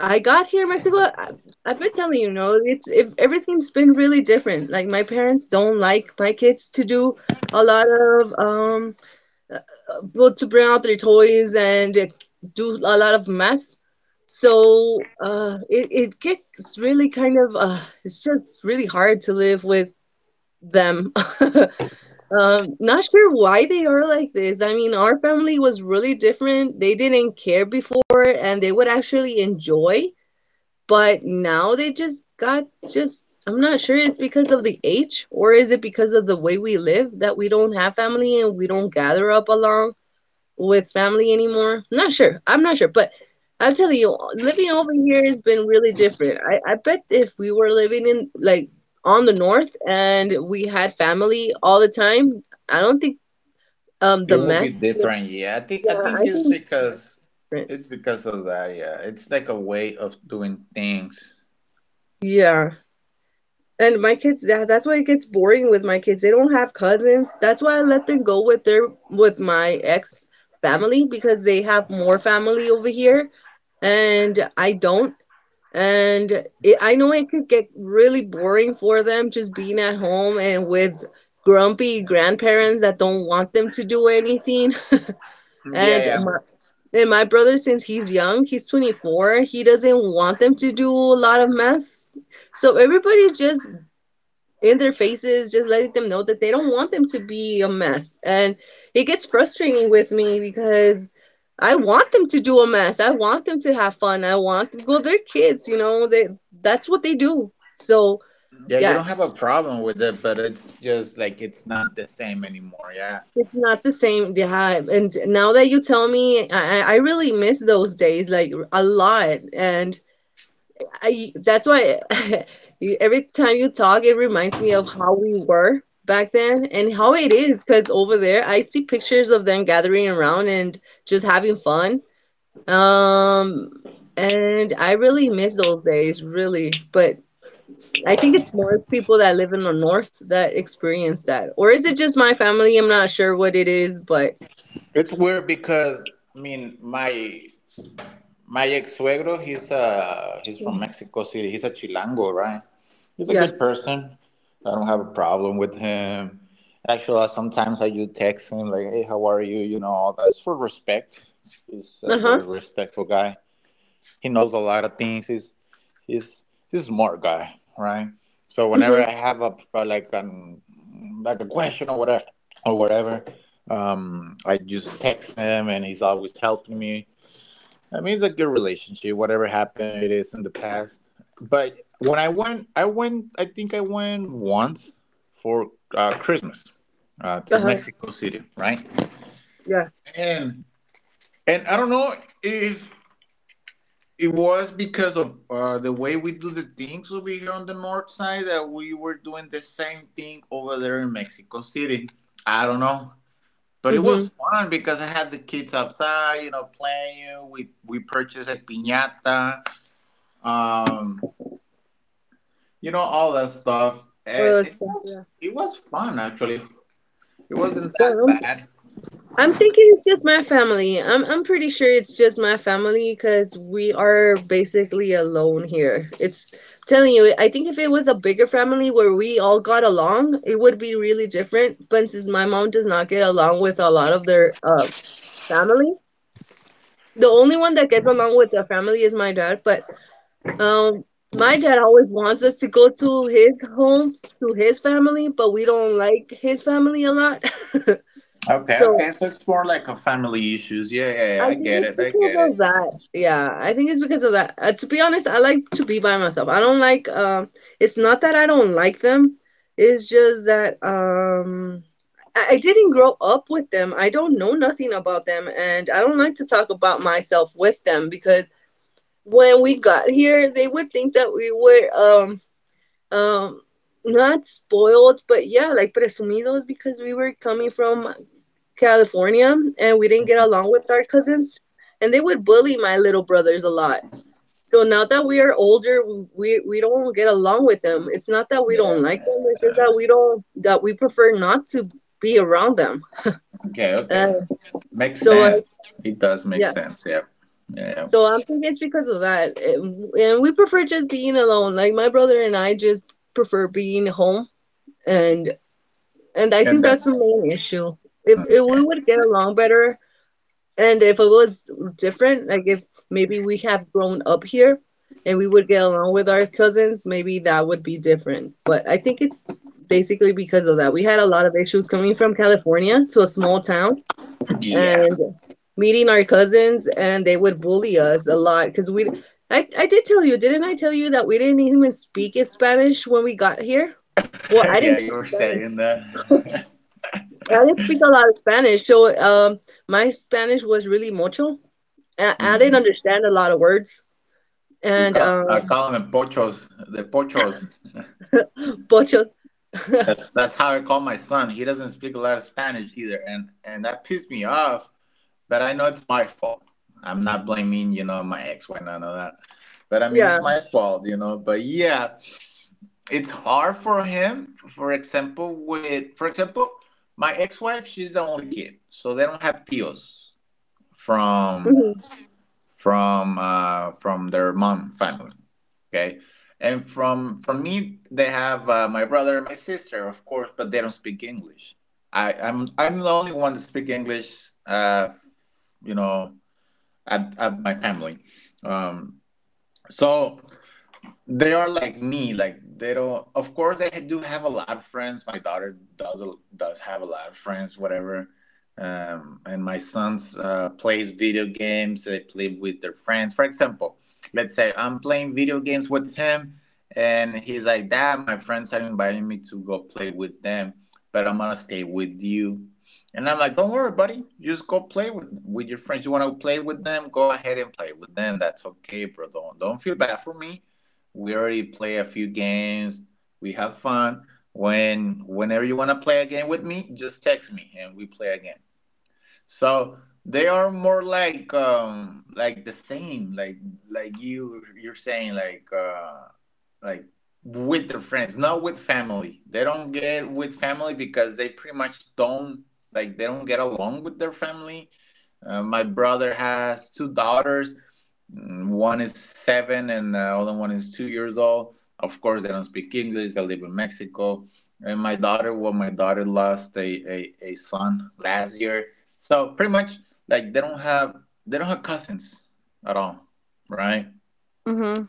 I got here in Mexico, I've been telling you, no, it's if everything's been really different. Like my parents don't like my kids to do a lot of uh, well, to bring out their toys and do a lot of mess. So it it gets really kind of it's just really hard to live with them. [laughs] Not sure why they are like this. I mean, our family was really different. They didn't care before and they would actually enjoy, but now they just got just I'm not sure it's because of the age or is it because of the way we live that we don't have family and we don't gather up along with family anymore. Not sure. I'm not sure, but I'm telling you, living over here has been really different. I bet if we were living in like on the north and we had family all the time, I don't think
It
the
will be
mess would.
different, yeah. I think I
Yeah,
think
I
it's
think
because
that's different.
it's because of that, yeah. It's like a way of doing things.
Yeah. And my kids, that's why it gets boring with my kids. They don't have cousins. That's why I let them go with their with my ex family because they have more family over here and I don't. And it, I know it could get really boring for them just being at home and with grumpy grandparents that don't want them to do anything.
Yeah,
And
yeah.
my, and my brother, since he's young, he's 24, he doesn't want them to do a lot of mess. So everybody's just in their faces, just letting them know that they don't want them to be a mess. And it gets frustrating with me because I want them to do a mess. I want them to have fun. I want them, well, they're kids, you know, they that's what they do. So
Yeah, you
yeah,
don't have a problem with it, but it's just like it's not the same anymore, yeah.
it's not the same. Yeah, and now that you tell me, I really miss those days like a lot. And I that's why [laughs] you- every time you talk, it reminds me of how we were back then and how it is. Because over there, I see pictures of them gathering around and just having fun. Um, and I really miss those days, really. But I think it's more people that live in the north that experience that, or is it just my family? I'm not sure what it is, but
It's weird because I mean my ex-suegro, he's from Mexico City. He's a Chilango, right? He's a
yeah.
good person. I don't have a problem with him. And actually, sometimes I do text him, like, "Hey, how are you?" You know, all that. It's for respect. He's a
Uh huh.
very respectful guy. He knows a lot of things. He's a smart guy, right? So whenever
Mhm.
I have a like an like a question or whatever, I just text him, and he's always helping me. I mean, it's a good relationship. Whatever happened, it is in the past. But when I went, I went. I think I went once for Christmas,
Uh
to
huh.
Mexico City, right?
Yeah.
And I don't know if it was because of the way we do the things over here on the north side, that we were doing the same thing over there in Mexico City. I don't know. But it was
Mhm.
fun because I had the kids outside, you know, playing. We purchased a piñata. Um, you know, all that stuff.
Well,
It,
it's-
it was
yeah.
it was fun actually. It wasn't that
So,
bad.
I'm thinking it's just my family. I'm pretty sure it's just my family because we are basically alone here. It's telling you, I think if it was a bigger family where we all got along, it would be really different. But since my mom does not get along with a lot of their family, the only one that gets along with the family is my dad. But um, my dad always wants us to go to his home to his family, but we don't like his family a lot. [laughs]
Okay,
So
okay. So it's more like a family issues. Yeah, yeah, yeah.
I
I
think
get
it's
it. I
because
get it.
of that. Yeah, I think it's because of that. To be honest, I like to be by myself. I don't like it's not that I don't like them. It's just that I didn't grow up with them. I don't know nothing about them and I don't like to talk about myself with them because when we got here, they would think that we were um not spoiled, but yeah, like presumidos because we were coming from California and we didn't get along with our cousins and they would bully my little brothers a lot. So now that we are older, we don't get along with them. It's not that we don't like them, it's just that we don't that we prefer not to be around them.
Okay,
Uh,
okay. Makes
so
sense. It does make
yeah.
sense. Yeah, yeah, yeah.
So I'm thinking it's because of that. And we prefer just being alone. Like my brother and I just prefer being home and and I think
And
that's
that's
the main issue. If we
okay.
would get along better, and if it was different, like if maybe we have grown up here and we would get along with our cousins, maybe that would be different. But I think it's basically because of that. We had a lot of issues coming from California to a small town
Yeah,
and meeting our cousins, and they would bully us a lot because we. I did tell you, didn't I tell you that we didn't even speak in Spanish when we got here?
[laughs]
Well, I
yeah.
didn't
You
speak
were
Spanish.
saying that. [laughs]
I didn't speak a lot of Spanish, so my Spanish was really mucho. I
Mhm.
didn't understand a lot of words
We
and
call I call him pochos. The pochos.
pochos. [laughs]
That's how I call my son. He doesn't speak a lot of Spanish either, and that pissed me off. But I know it's my fault. I'm not blaming, you know, my ex-wife, none of that. But I mean,
Yeah.
it's my fault, you know. But yeah, it's hard for him. For example, for example, my ex-wife, she's the only kid, so they don't have tios from
Hmm.
from their mom family. Okay, and from me, they have, my brother and my sister, of course, but they don't speak English. I'm the only one that speak English. You know, at my family. Um, so they are like me, like they don't, of course, they do have a lot of friends. My daughter does have a lot of friends, whatever. And my sons, plays video games. They play with their friends. For example, let's say I'm playing video games with him, and he's like, "Dad, my friends are inviting me to go play with them, but I'm gonna stay with you." And I'm like, "Don't worry, buddy, just go play with your friends. You want to play with them, go ahead and play with them. That's okay, bro. Don't feel bad for me. We already play a few games. We have fun. Whenever you want to play a game with me, just text me and we play again." So they are more like, the same, like you're saying, like, like with their friends, not with family. They don't get with family because they pretty much don't, like, they don't get along with their family. My brother has two daughters. One is 7, and the other one is 2 years old. Of course, they don't speak English. They live in Mexico. And my daughter, well, my daughter lost a son last year. So pretty much, like, they don't have cousins at all, right?
Hmm.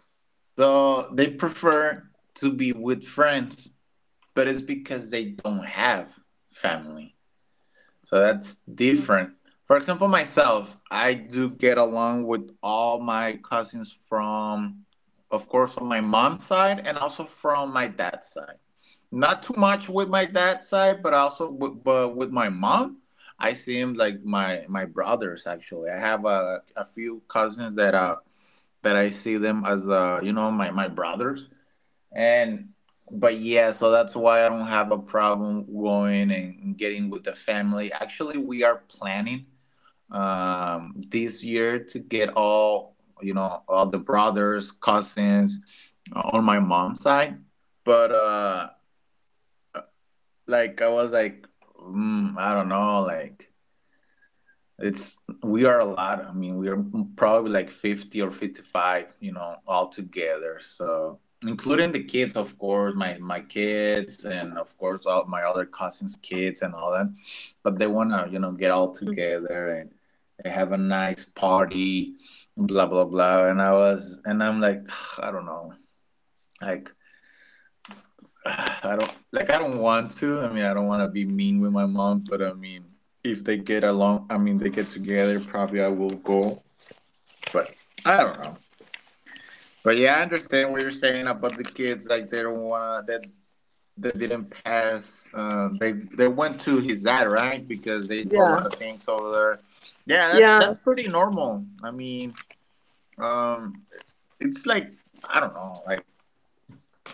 So they prefer to be with friends, but it's because they don't have family. So that's different. For example, myself, I do get along with all my cousins from, of course, on my mom's side and also from my dad's side. Not too much with my dad's side, but with my mom, I see him like my brothers. Actually, I have, a few cousins that, that I see them as, you know, my brothers. And but yeah, so that's why I don't have a problem going and getting with the family. Actually, we are planning, this year, to get all, you know, all the brothers, cousins, on my mom's side. But, like I was like, I don't know, like, it's, we are a lot. I mean, we are probably like 50 or 55, you know, all together, so including the kids, of course, my kids, and of course all my other cousins kids and all that. But they want to, you know, get all together, and have a nice party, blah blah blah. And I was and I'm like, [sighs] I don't know, like, [sighs] I don't want to. I mean, I don't want to be mean with my mom, but I mean, if they get along, I mean, they get together, probably I will go. But I don't know. But yeah, I understand what you're saying about the kids. Like, they don't wanna that they didn't pass. They went to his dad, right? Because they do a
Yeah.
lot of things over there. Yeah, that's
Yeah.
that's pretty normal. I mean, um, it's like, I don't know, like,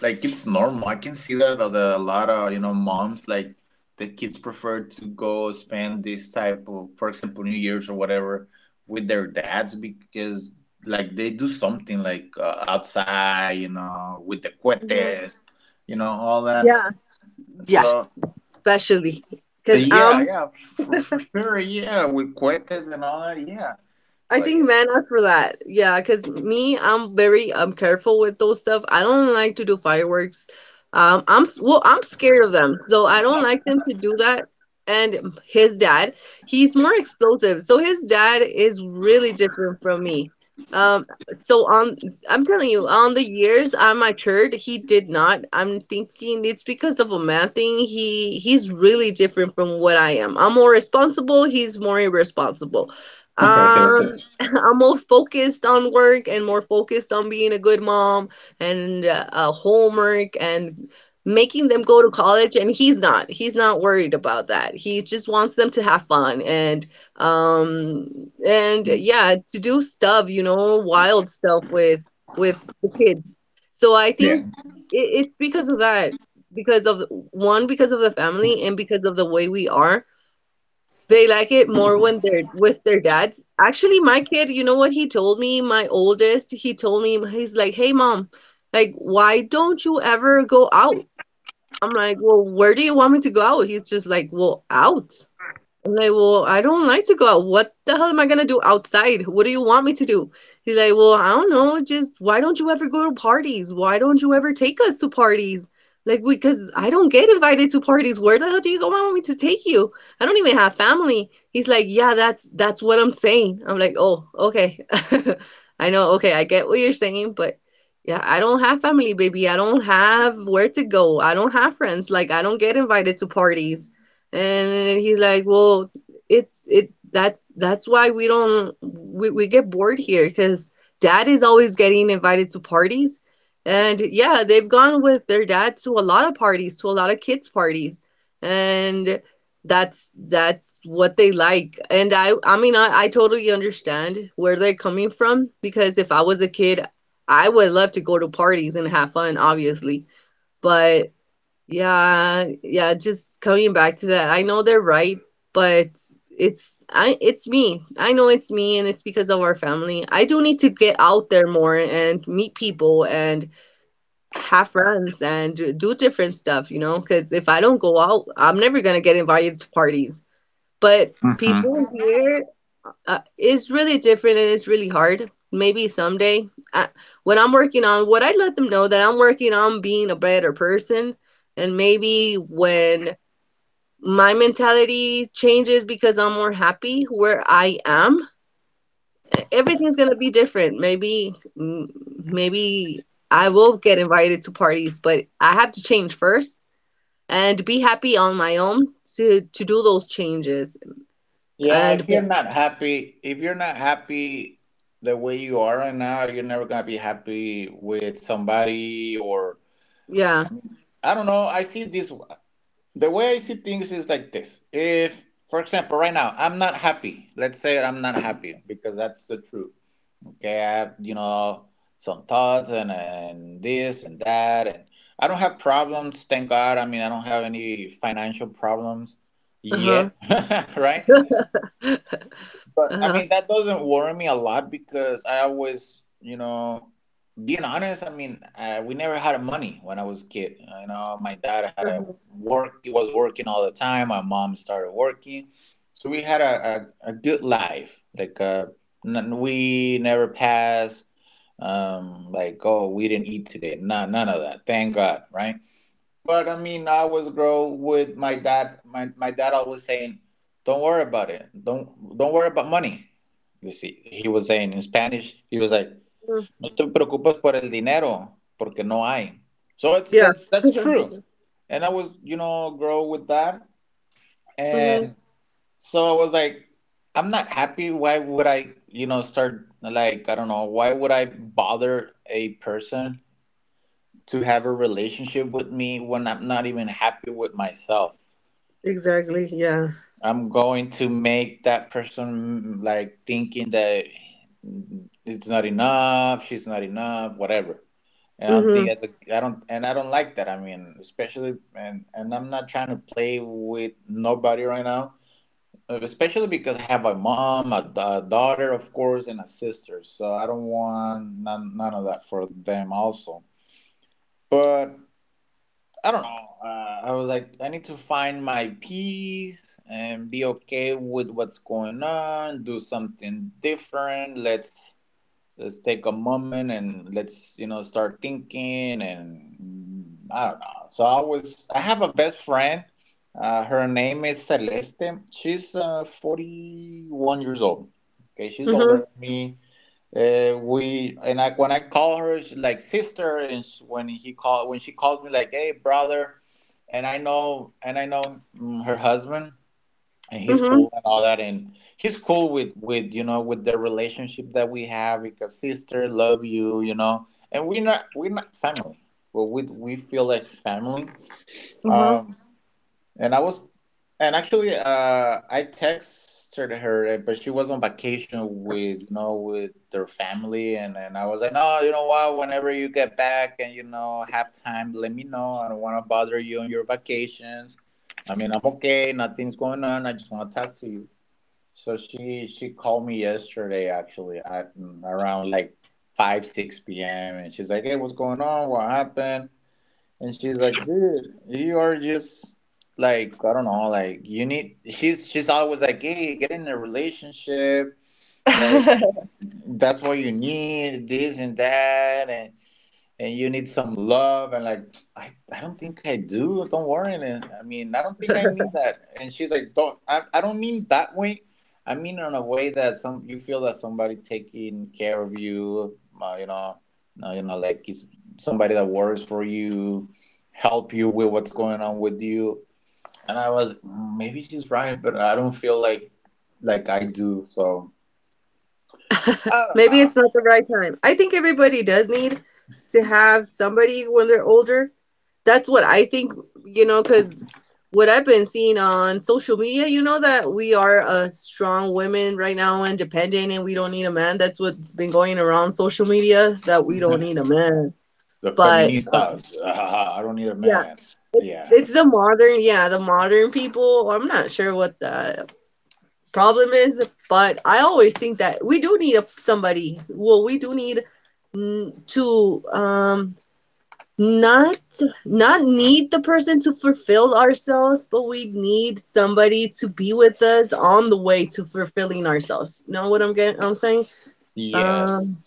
it's normal. I can see that, a lot of, you know, moms, like, the kids prefer to go spend this type of, for example, New Year's or whatever, with their dads, because like they do something like, outside, you know, with the
Hmm.
cohetes, you know, all that.
Yeah. Yeah.
So
Especially because
yeah,
I'm
yeah, for sure, yeah, with cohetes and all that, yeah.
I
But
think men are for that. Yeah, because me, I'm very careful with those stuff. I don't like to do fireworks. I'm s- I'm scared of them, so I don't like them to do that. And his dad, he's more explosive, so his dad is really different from me. Um, so on, I'm telling you, on the years I matured, he did not. I'm thinking it's because of a man thing. He's really different from what I am. I'm more responsible. He's more irresponsible.
yeah,
Um, [laughs] I'm more focused on work and more focused on being a good mom and homework and making them go to college. And he's not. He's not worried about that. He just wants them to have fun um and yeah, to do stuff, you know, wild stuff with the kids. So I
[laughs]
think
yeah.
it's because of that, because of one, because of the family, and because of the way we are they like it more when they're [laughs] with their dads. Actually, my kid, you know what he told me? My oldest, he told me, he's like, hey, mom, like, why don't you ever go out? I'm like, well, where do you want me to go out? He's just like, well, out. I'm like, well, I don't like to go out. What the hell am I gonna do outside? What do you want me to do? He's like, well, I don't know. Just why don't you ever go to parties? Why don't you ever take us to parties? Like, because I don't get invited to parties. Where the hell do you go I want me to take you? I don't even have family. He's like, yeah, that's what I'm saying. I'm like, oh, okay. [laughs] I know, okay, I get what you're saying, but yeah, I don't have family, baby. I don't have where to go. I don't have friends. Like, I don't get invited to parties and he's like well it's it that's why we don't we get bored here because dad is always getting invited to parties and yeah they've gone with their dad to a lot of parties to a lot of kids parties and that's what they like and I mean I totally understand where they're coming from because if I was a kid I would love to go to parties and have fun obviously but yeah, just coming back to that. I know they're right, but it's I it's me. I know it's me and it's because of our family. I do need to get out there more and meet people and have friends and do different stuff, you know, because if I don't go out, I'm never gonna get invited to parties. But
Mhm.
people here it's really different and it's really hard. Maybe someday, I, what I'm working on, what I let them know that I'm working on being a better person, and maybe when my mentality changes because I'm more happy where I am, e- everything's gonna be different. Maybe, mm, maybe I will get invited to parties, but I have to change first and be happy on my own to do those changes.
Yeah,
And
if you're
but-
not happy, if you're not happy the way you are right now, you're never gonna be happy with somebody, or I
yeah,
mean, I don't know. I see this The way I see things is like this. If, for example, right now I'm not happy. Let's say I'm not happy because that's the truth. Okay, I have, you know, some thoughts, and this and that, and I don't have problems. Thank God. I mean, I don't have any financial problems
uh huh,
yet, [laughs] right?
[laughs]
But I
uh
mean, that doesn't worry me a lot because I always, you know, being honest, I mean, we never had money when I was a kid. You know, my dad had a work; he was working all the time. My mom started working, so we had a good life. Like, we never passed. Like, oh, we didn't eat today. None, none of that. Thank God, right? But I mean, I was grow with my dad. My dad always saying, "Don't worry about it. Don't worry about money." You see, he was saying in Spanish. He was like,
huh.
"No te preocupes por el dinero, porque no hay." So it's
Yeah.
that's true. And I was, you know, grow with that,
hmm
and so I was like, "I'm not happy. Why would I, you know, start, like, I don't know. Why would I bother a person to have a relationship with me when I'm not even happy with myself?
Exactly. Yeah.
I'm going to make that person, like, thinking that it's not enough, she's not enough, whatever. And
hmm
I don't, and I don't like that. I mean, especially, and I'm not trying to play with nobody right now, especially because I have a mom, daughter, of course, and a sister. So I don't want none, none of that for them also." But I don't know. I was like, I need to find my peace and be okay with what's going on. Do something different. Let's take a moment and let's, you know, start thinking, and, I don't know. So I was. I have a best friend. Her name is Celeste. She's, 41 years old. Okay, she's
hmm
older than me. We and I, when I call her, she's like sister, and when she calls me, like, "Hey, brother," and I know, her husband, and
hmm
he's
hmm
cool and all that, and he's cool with you know with the relationship that we have, because sister love you, and we're not family, but we feel like family.
[laughs]
Um, and I was, and actually, I texted her, but she was on vacation with, you know, with their family, and I was like, "No, you know what?" Whenever you get back and have time, let me know. I don't want to bother you on your vacations. I mean, I'm okay. Nothing's going on. I just want to talk to you. So she called me yesterday, actually, at around like 5, 6 p.m. And she's like, hey, what's going on? What happened? And she's like, dude, you are just like, I don't know, like you need she's always like, hey, get in a relationship, like that's what you need, this and that, and you need some love, and like I don't think I do. Don't worry. And I mean, I don't think I need that. And she's like, don't. I don't mean that way. I mean, in a way that some you feel that somebody taking care of you, like is somebody that worries for you, help you with what's
Mhm.
going on with you. And I was, "Mm, maybe she's right, but I don't feel like I do." So I
[laughs] Maybe
don't
it's not the right time. I think everybody does need to have somebody when they're older. That's what I think, you know, because what I've been seeing on social media, you know, that we are a strong women right now, independent, and we don't need a man. That's what's been going around social media, that we don't
know.
need a man.
The
But
feministas, [laughs] I don't need a
yeah,
man. Yeah.
it's the modern, yeah, the modern people. I'm not sure what the problem is, but I always think that we do need a, somebody. Well, we do need to not not need the person to fulfill ourselves, but we need somebody to be with us on the way to fulfilling ourselves. You know what I'm getting? I'm saying,
Yes.
um,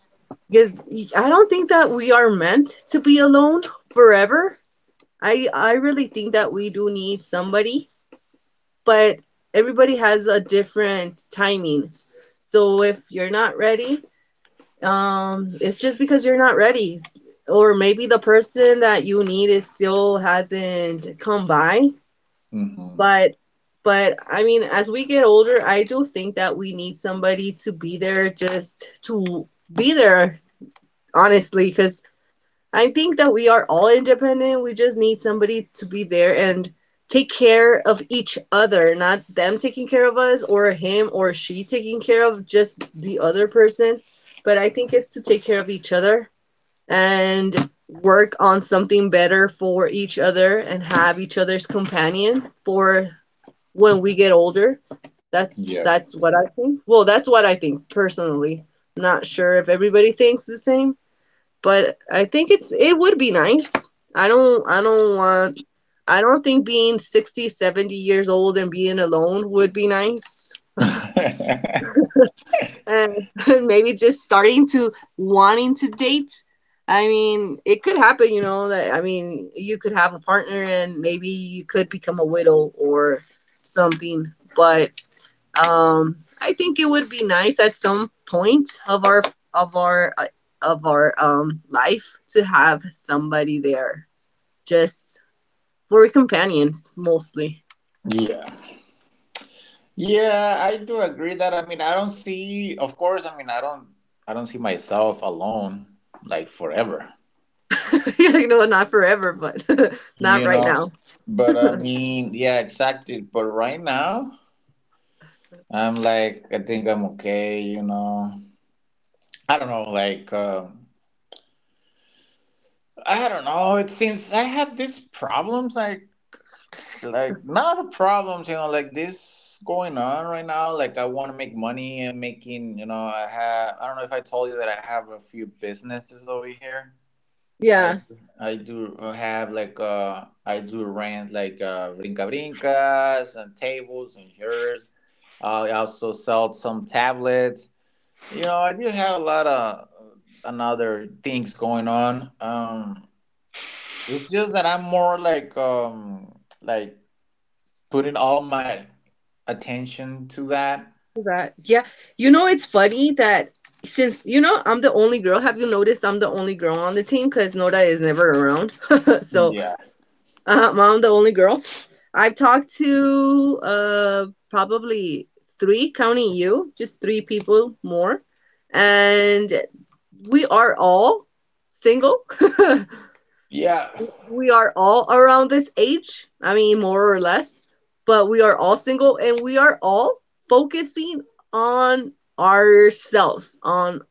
because I don't think that we are meant to be alone forever. I really think that we do need somebody but everybody has a different timing. So if you're not ready, it's just because you're not ready, or maybe the person that you need is still hasn't come by.
Mm-hmm.
But but I mean, as we get older, I do think that we need somebody to be there, just to be there, honestly, because I think that we are all independent. We just need somebody to be there and take care of each other, not them taking care of us or him or she taking care of just the other person. But I think it's to take care of each other and work on something better for each other and have each other's companion for when we get older. That's
Yeah.
that's what I think. Well, that's what I think personally. I'm not sure if everybody thinks the same, but I think it's it would be nice. I don't I don't want I don't think being 60 70 years old and being alone would be nice.
[laughs] Yeah.
And [laughs] maybe just starting to wanting to date. I mean, it could happen, you know, that I mean, you could have a partner and maybe you could become a widow or something, but um I think it would be nice at some point of our of our of our life to have somebody there just for companions mostly.
Yeah, I do agree that. I mean, I don't see, of course, I mean, I don't see myself alone like forever,
[laughs] You know, not forever, but [laughs] not
you
right
know.
now.
But I mean, yeah, exactly. But right now, I'm like, I think I'm okay. I don't know, like, I don't know. It seems I have these problems. Like, not problems, like this going on right now, like I want to make money, and making, I don't know if I told you that I have a few businesses over here. i
Yeah,
i do have, like, I do rent, like, brinca brincas and tables and chairs. I also sell some tablets. I do have a lot of, another things going on. It's just that I'm more like, like putting all my attention to that.
that. Yeah. You know, it's funny that since, you know, I'm the only girl, have you noticed I'm the only girl on the team? Because Nora is never around. [laughs] So
Yeah.
I'm the only girl. I've talked to probably three, counting you, just three people more. And we are all single. [laughs]
Yeah.
We are all around this age, I mean, more or less, but we are all single and we are all focusing on ourselves, on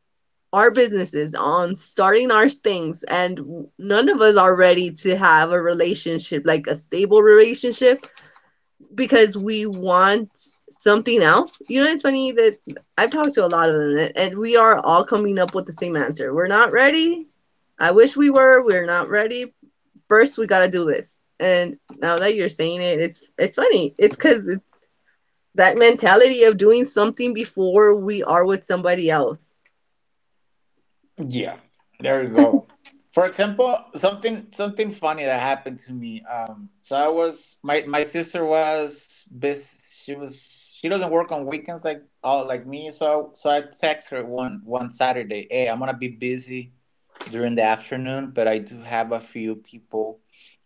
our businesses, on starting our things. And none of us are ready to have a relationship, like a stable relationship, because we want something else. You know, it's funny that I've talked to a lot of them and we are all coming up with the same answer. We're not ready. I wish we were. We're not ready first we gotta do this. And now that you're saying it, it's funny. It's because it's that mentality of doing something before we are with somebody else.
Yeah, there you go. For example, something funny that happened to me. So I was my sister was bus She was she doesn't work on weekends, like all like me. So I text her one Saturday. Hey, I'm gonna be busy during the afternoon, but I do have a few people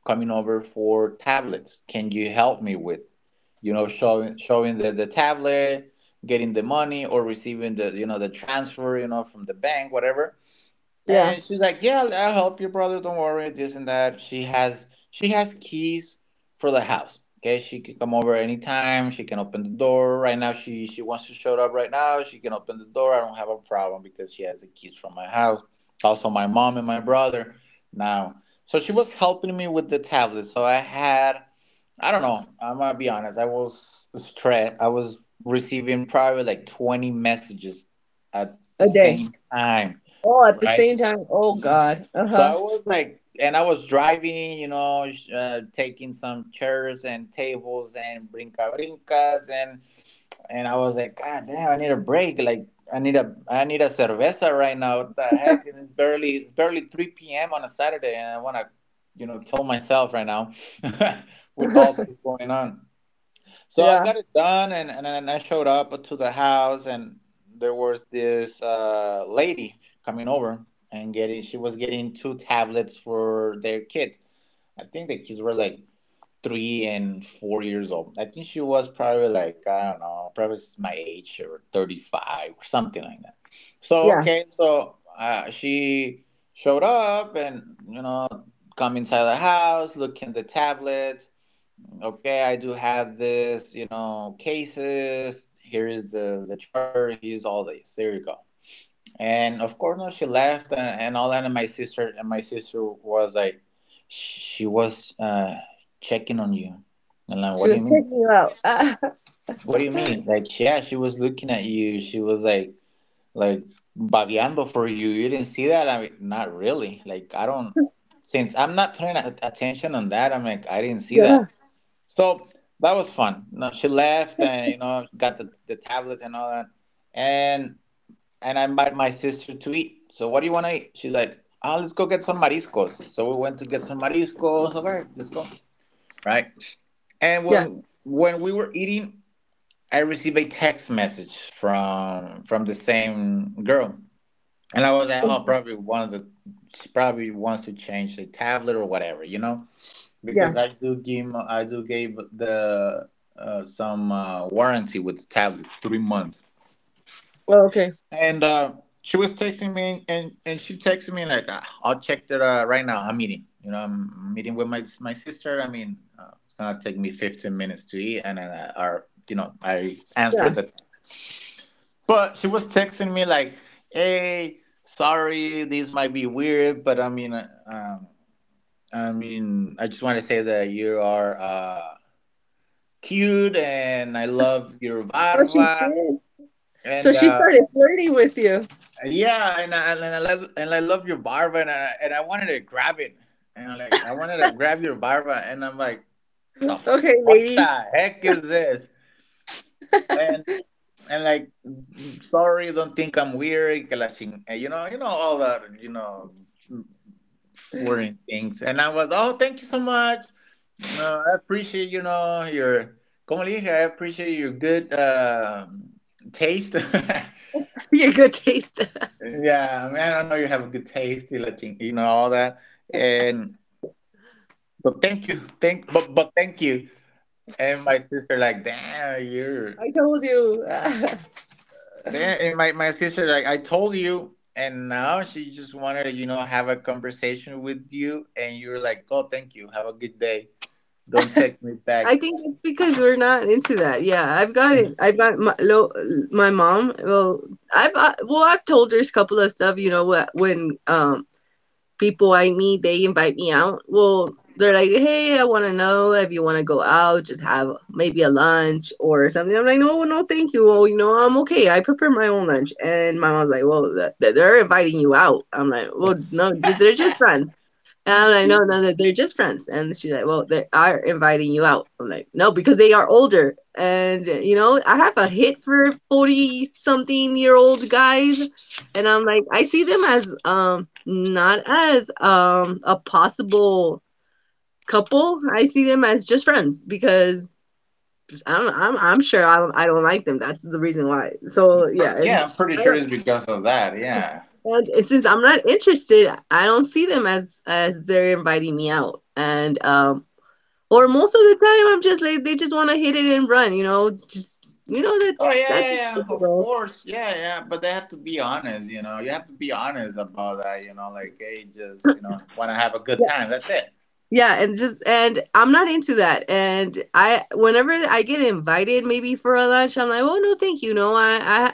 coming over for tablets. Can you help me with, showing the tablet, getting the money, or receiving the transfer, from the bank, whatever.
Yeah,
And she's like, "Yeah, I'll help your brother. Don't worry, this and that." She has keys for the house. Okay, she can come over anytime. She can open the door right now. She wants to show up right now. She can open the door. I don't have a problem because she has the keys from my house. Also, my mom and my brother now. So she was helping me with the tablet. So I don't know. I'm gonna be honest. I was stressed. I was receiving probably like 20 messages at
a
the
day.
same time,
Oh, at the
right?
same time. Oh God. Uh
So
huh.
I was like, and I was driving, taking some chairs and tables and brinca brincas, and I was like, God damn, I need a break. Like, I need a cerveza right now. What the heck? And it's barely three p.m. on a Saturday, and I want to, kill myself right now [laughs] with all this going on. So I
Yeah.
got it done, and then I showed up to the house, and there was this lady coming over and getting. She was getting two tablets for their kids. I think the kids were like 3 and 4 years old. I think she was probably like, I don't know, probably my age, or 35 or something like that. So
Yeah.
okay, so she showed up, and, come inside the house, look in the tablet. Okay, I do have this, cases here, is the charger, here's all this, there you go. And of course, no, she left, and all that. And my sister was like, she was checking on you. And like, what
She
do you
was
mean?
checking you out. Ah, [laughs]
What do you mean? Like, yeah, she was looking at you, she was like, like babeando for you didn't see that? I mean, not really, like I don't. Since I'm not paying attention on that, I'm like, I didn't see
yeah.
that. So that was fun. No, she left and got the tablet and all that, and and I invited my sister to eat. So, what do you want to eat? She's like, ah, let's go get some mariscos. So we went to get some mariscos. All right, let's go. Right. And
Yeah.
when we were eating, I received a text message from the same girl, and I was like, oh,
Mhm.
probably one of the she probably wants to change the tablet or whatever,
Yeah.
because I do gave the, some, warranty with the tablet 3 months,
Oh, okay.
and she was texting me, and she texted me like, "Ah, I'll check that, right now. I'm meeting with my sister. I mean, it's gonna take me 15 minutes to eat, and then or," I answered
Yeah.
that. But she was texting me like, hey, sorry, this might be weird, but I mean. I mean, I just want to say that you are. Cute, and I love your
Oh, she
barba,
did. So
and
she started flirting with you.
yeah, and I love your barba, and I wanted to grab it, and I'm like, I wanted to grab your barba, and I'm like, the f-
Okay,
what
lady.
the heck is this? And. And, like, "Mm, sorry, don't think I'm weird, que la ching-" you know all that, flirting things. And I was, oh, thank you so much, I appreciate, your. Como le dije, I appreciate your good taste. [laughs]
[laughs] Your good taste.
Yeah, I mean, I know you have a good taste, y la ching- all that, and but thank you thank but thank you. And my sister, like, damn,
[laughs]
you're.
I told you. [laughs]
Yeah, and my sister, like, I told you, and now she just wanted to, have a conversation with you, and you're like, oh, thank you, have a good day, don't text me
I
back.
think it's because we're not into that. Yeah, I've got it. I've got my, lo, my mom. Well, I've told her a couple of stuff. You know, wh- when people I meet, they invite me out. Well, they're like, "Hey, I want to know if you want to go out, just have maybe a lunch or something." I'm like, "No, no, thank you. Well, you know, I'm okay. I prepare my own lunch." And my mom's like, "Well, th- th- they're inviting you out." I'm like, "Well, no, they're just
[laughs]
friends. And I know now that they're just friends. And she's like, well, they are inviting you out. I'm like, no, because they are older. And, you know, I have a hit for 40 something year old guys. And I'm like, I see them as, not as, a possible couple. I see them as just friends because I'm sure I don't like them. That's the reason why. So yeah. And
Yeah, I'm pretty
I
sure
don't,
it's because of that. Yeah.
and since I'm not interested, I don't see them as they're inviting me out. And or most of the time I'm just like they just want to hit it and run, you know, just you know
Oh
that's
yeah,
that's
yeah, yeah. Of
typical.
course, yeah, yeah. But they have to be honest, you know. You have to be honest about that. Like, hey, just want to have a good
Yeah.
time. That's it. [laughs]
Yeah, and just and I'm not into that. And I whenever I get invited maybe for a lunch, I'm like, "Oh no, thank you. No, I I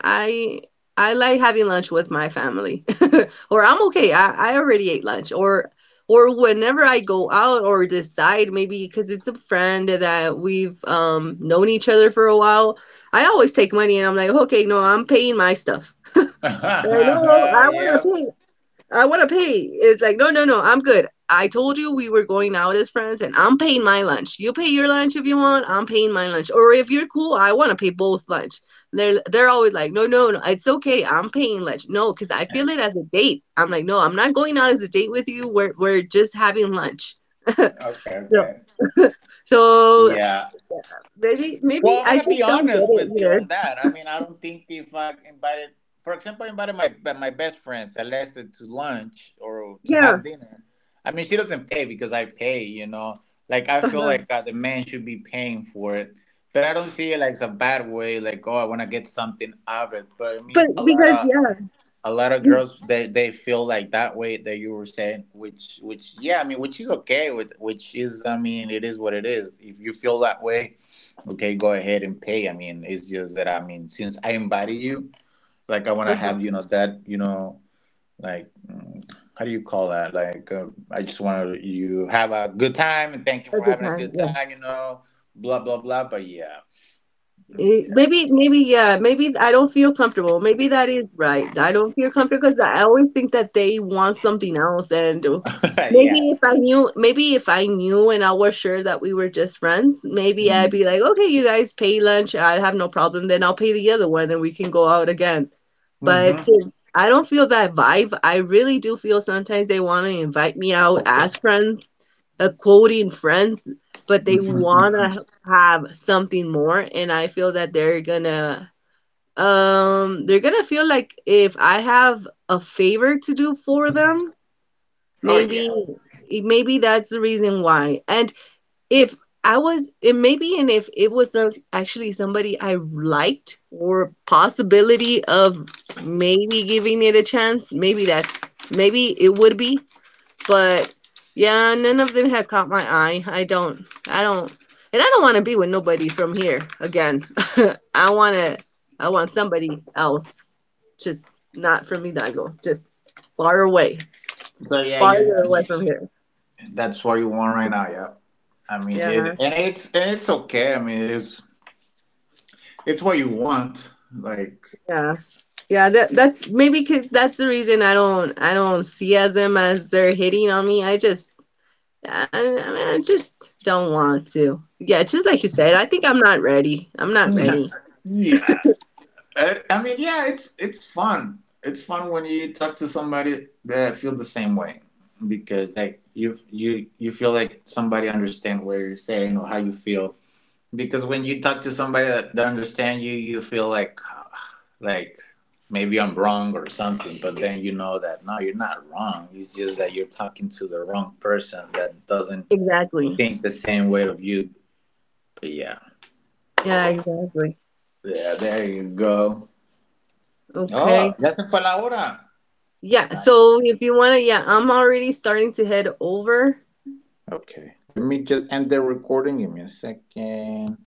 I I like having lunch with my family." [laughs] Or I'm okay. I already ate lunch or whenever I go out or decide maybe because it's a friend that we've known each other for a while, I always take money and I'm like, "Okay, no, I'm paying my stuff." Like, no, I want to
Yep.
pay. I want to pay. It's like, no, no, no, I'm good. I told you we were going out as friends, and I'm paying my lunch. You pay your lunch if you want. I'm paying my lunch. Or if you're cool, I want to pay both lunch. They're always like, no, no, no, it's okay. I'm paying lunch. No, because I feel it as a date. I'm like, no, I'm not going out as a date with you. We're just having lunch.
Okay.
So
Okay.
so
Yeah.
maybe
Well,
maybe
I'm
I
gonna
just
be
don't get
honest
it
with you
either.
on that. I mean, I don't think. If I invited, for example, I invited my best friend Celeste to lunch or to have
Yeah,
dinner. I mean, she doesn't pay because I pay. Like, I feel
uh-huh.
like, the man should be paying for it, but I don't see it like it's a bad way. Like, oh, I want to get something out of it. But I
But
mean, a lot
because
of
yeah,
a lot of
you
girls, they feel like that way that you were saying, which, yeah, I mean, which is okay, with which is, I mean, it is what it is, if you feel that way. Okay, go ahead and pay. I mean, it's just that, I mean, since I invited you, like, I want to have,
uh-huh,
that, like, how do you call that, like, I just want to, you have a good time, and thank you
a
for
good
having a
time.
good
Yeah.
time, blah blah blah, but yeah.
Eh, maybe, maybe, yeah, maybe I don't feel comfortable. Maybe that is right. I don't feel comfortable because I always think that they want something else. And
Yeah. [laughs]
maybe if
Yeah.
I knew, maybe if I knew and I was sure that we were just friends, maybe I'd
Hmm.
be like, okay, you guys pay lunch. I'd have no problem. Then I'll pay the other one and we can go out again. But
[laughs]
to I don't feel that vibe. I really do feel sometimes they want to invite me out as friends, quoting friends, but they want to have something more, and I feel that they're gonna feel like if I have a favor to do for them,
Oh
maybe
yeah.
maybe that's the reason why. And if I was and maybe and if it was a actually somebody I liked or possibility of maybe giving it a chance, maybe that's maybe it would be, but yeah, none of them have caught my eye. I don't and I don't want to be with nobody from here again. [laughs] I want to I want somebody else just not from Hidalgo, just far away,
So yeah, you're.
farther away from here.
That's what you want right now, yeah. I mean
Yeah,
it, and it's okay. I mean it is. It's what you want. Like.
yeah. Yeah, that that's maybe 'cause that's the reason I don't see as them as they're hitting on me. I just I mean, I just don't want to. Yeah, just like you said, I think I'm not ready. I'm not
[laughs]
ready.
Yeah, I mean, yeah, it's fun. It's fun when you talk to somebody that feel the same way, because, like, you feel like somebody understand what you're saying or how you feel, because when you talk to somebody that don't understand you, you feel like, like, maybe I'm wrong or something, but then you know that, no, you're not wrong. It's just that you're talking to the wrong person that doesn't
Exactly.
think the same way of you. But yeah,
Yeah, exactly.
yeah, there you go. Oh,
Okay.
ya se fue la hora.
Yeah,
Nice.
so if you want to, yeah, I'm already starting to head over.
Okay, let me just end the recording. Give me a second.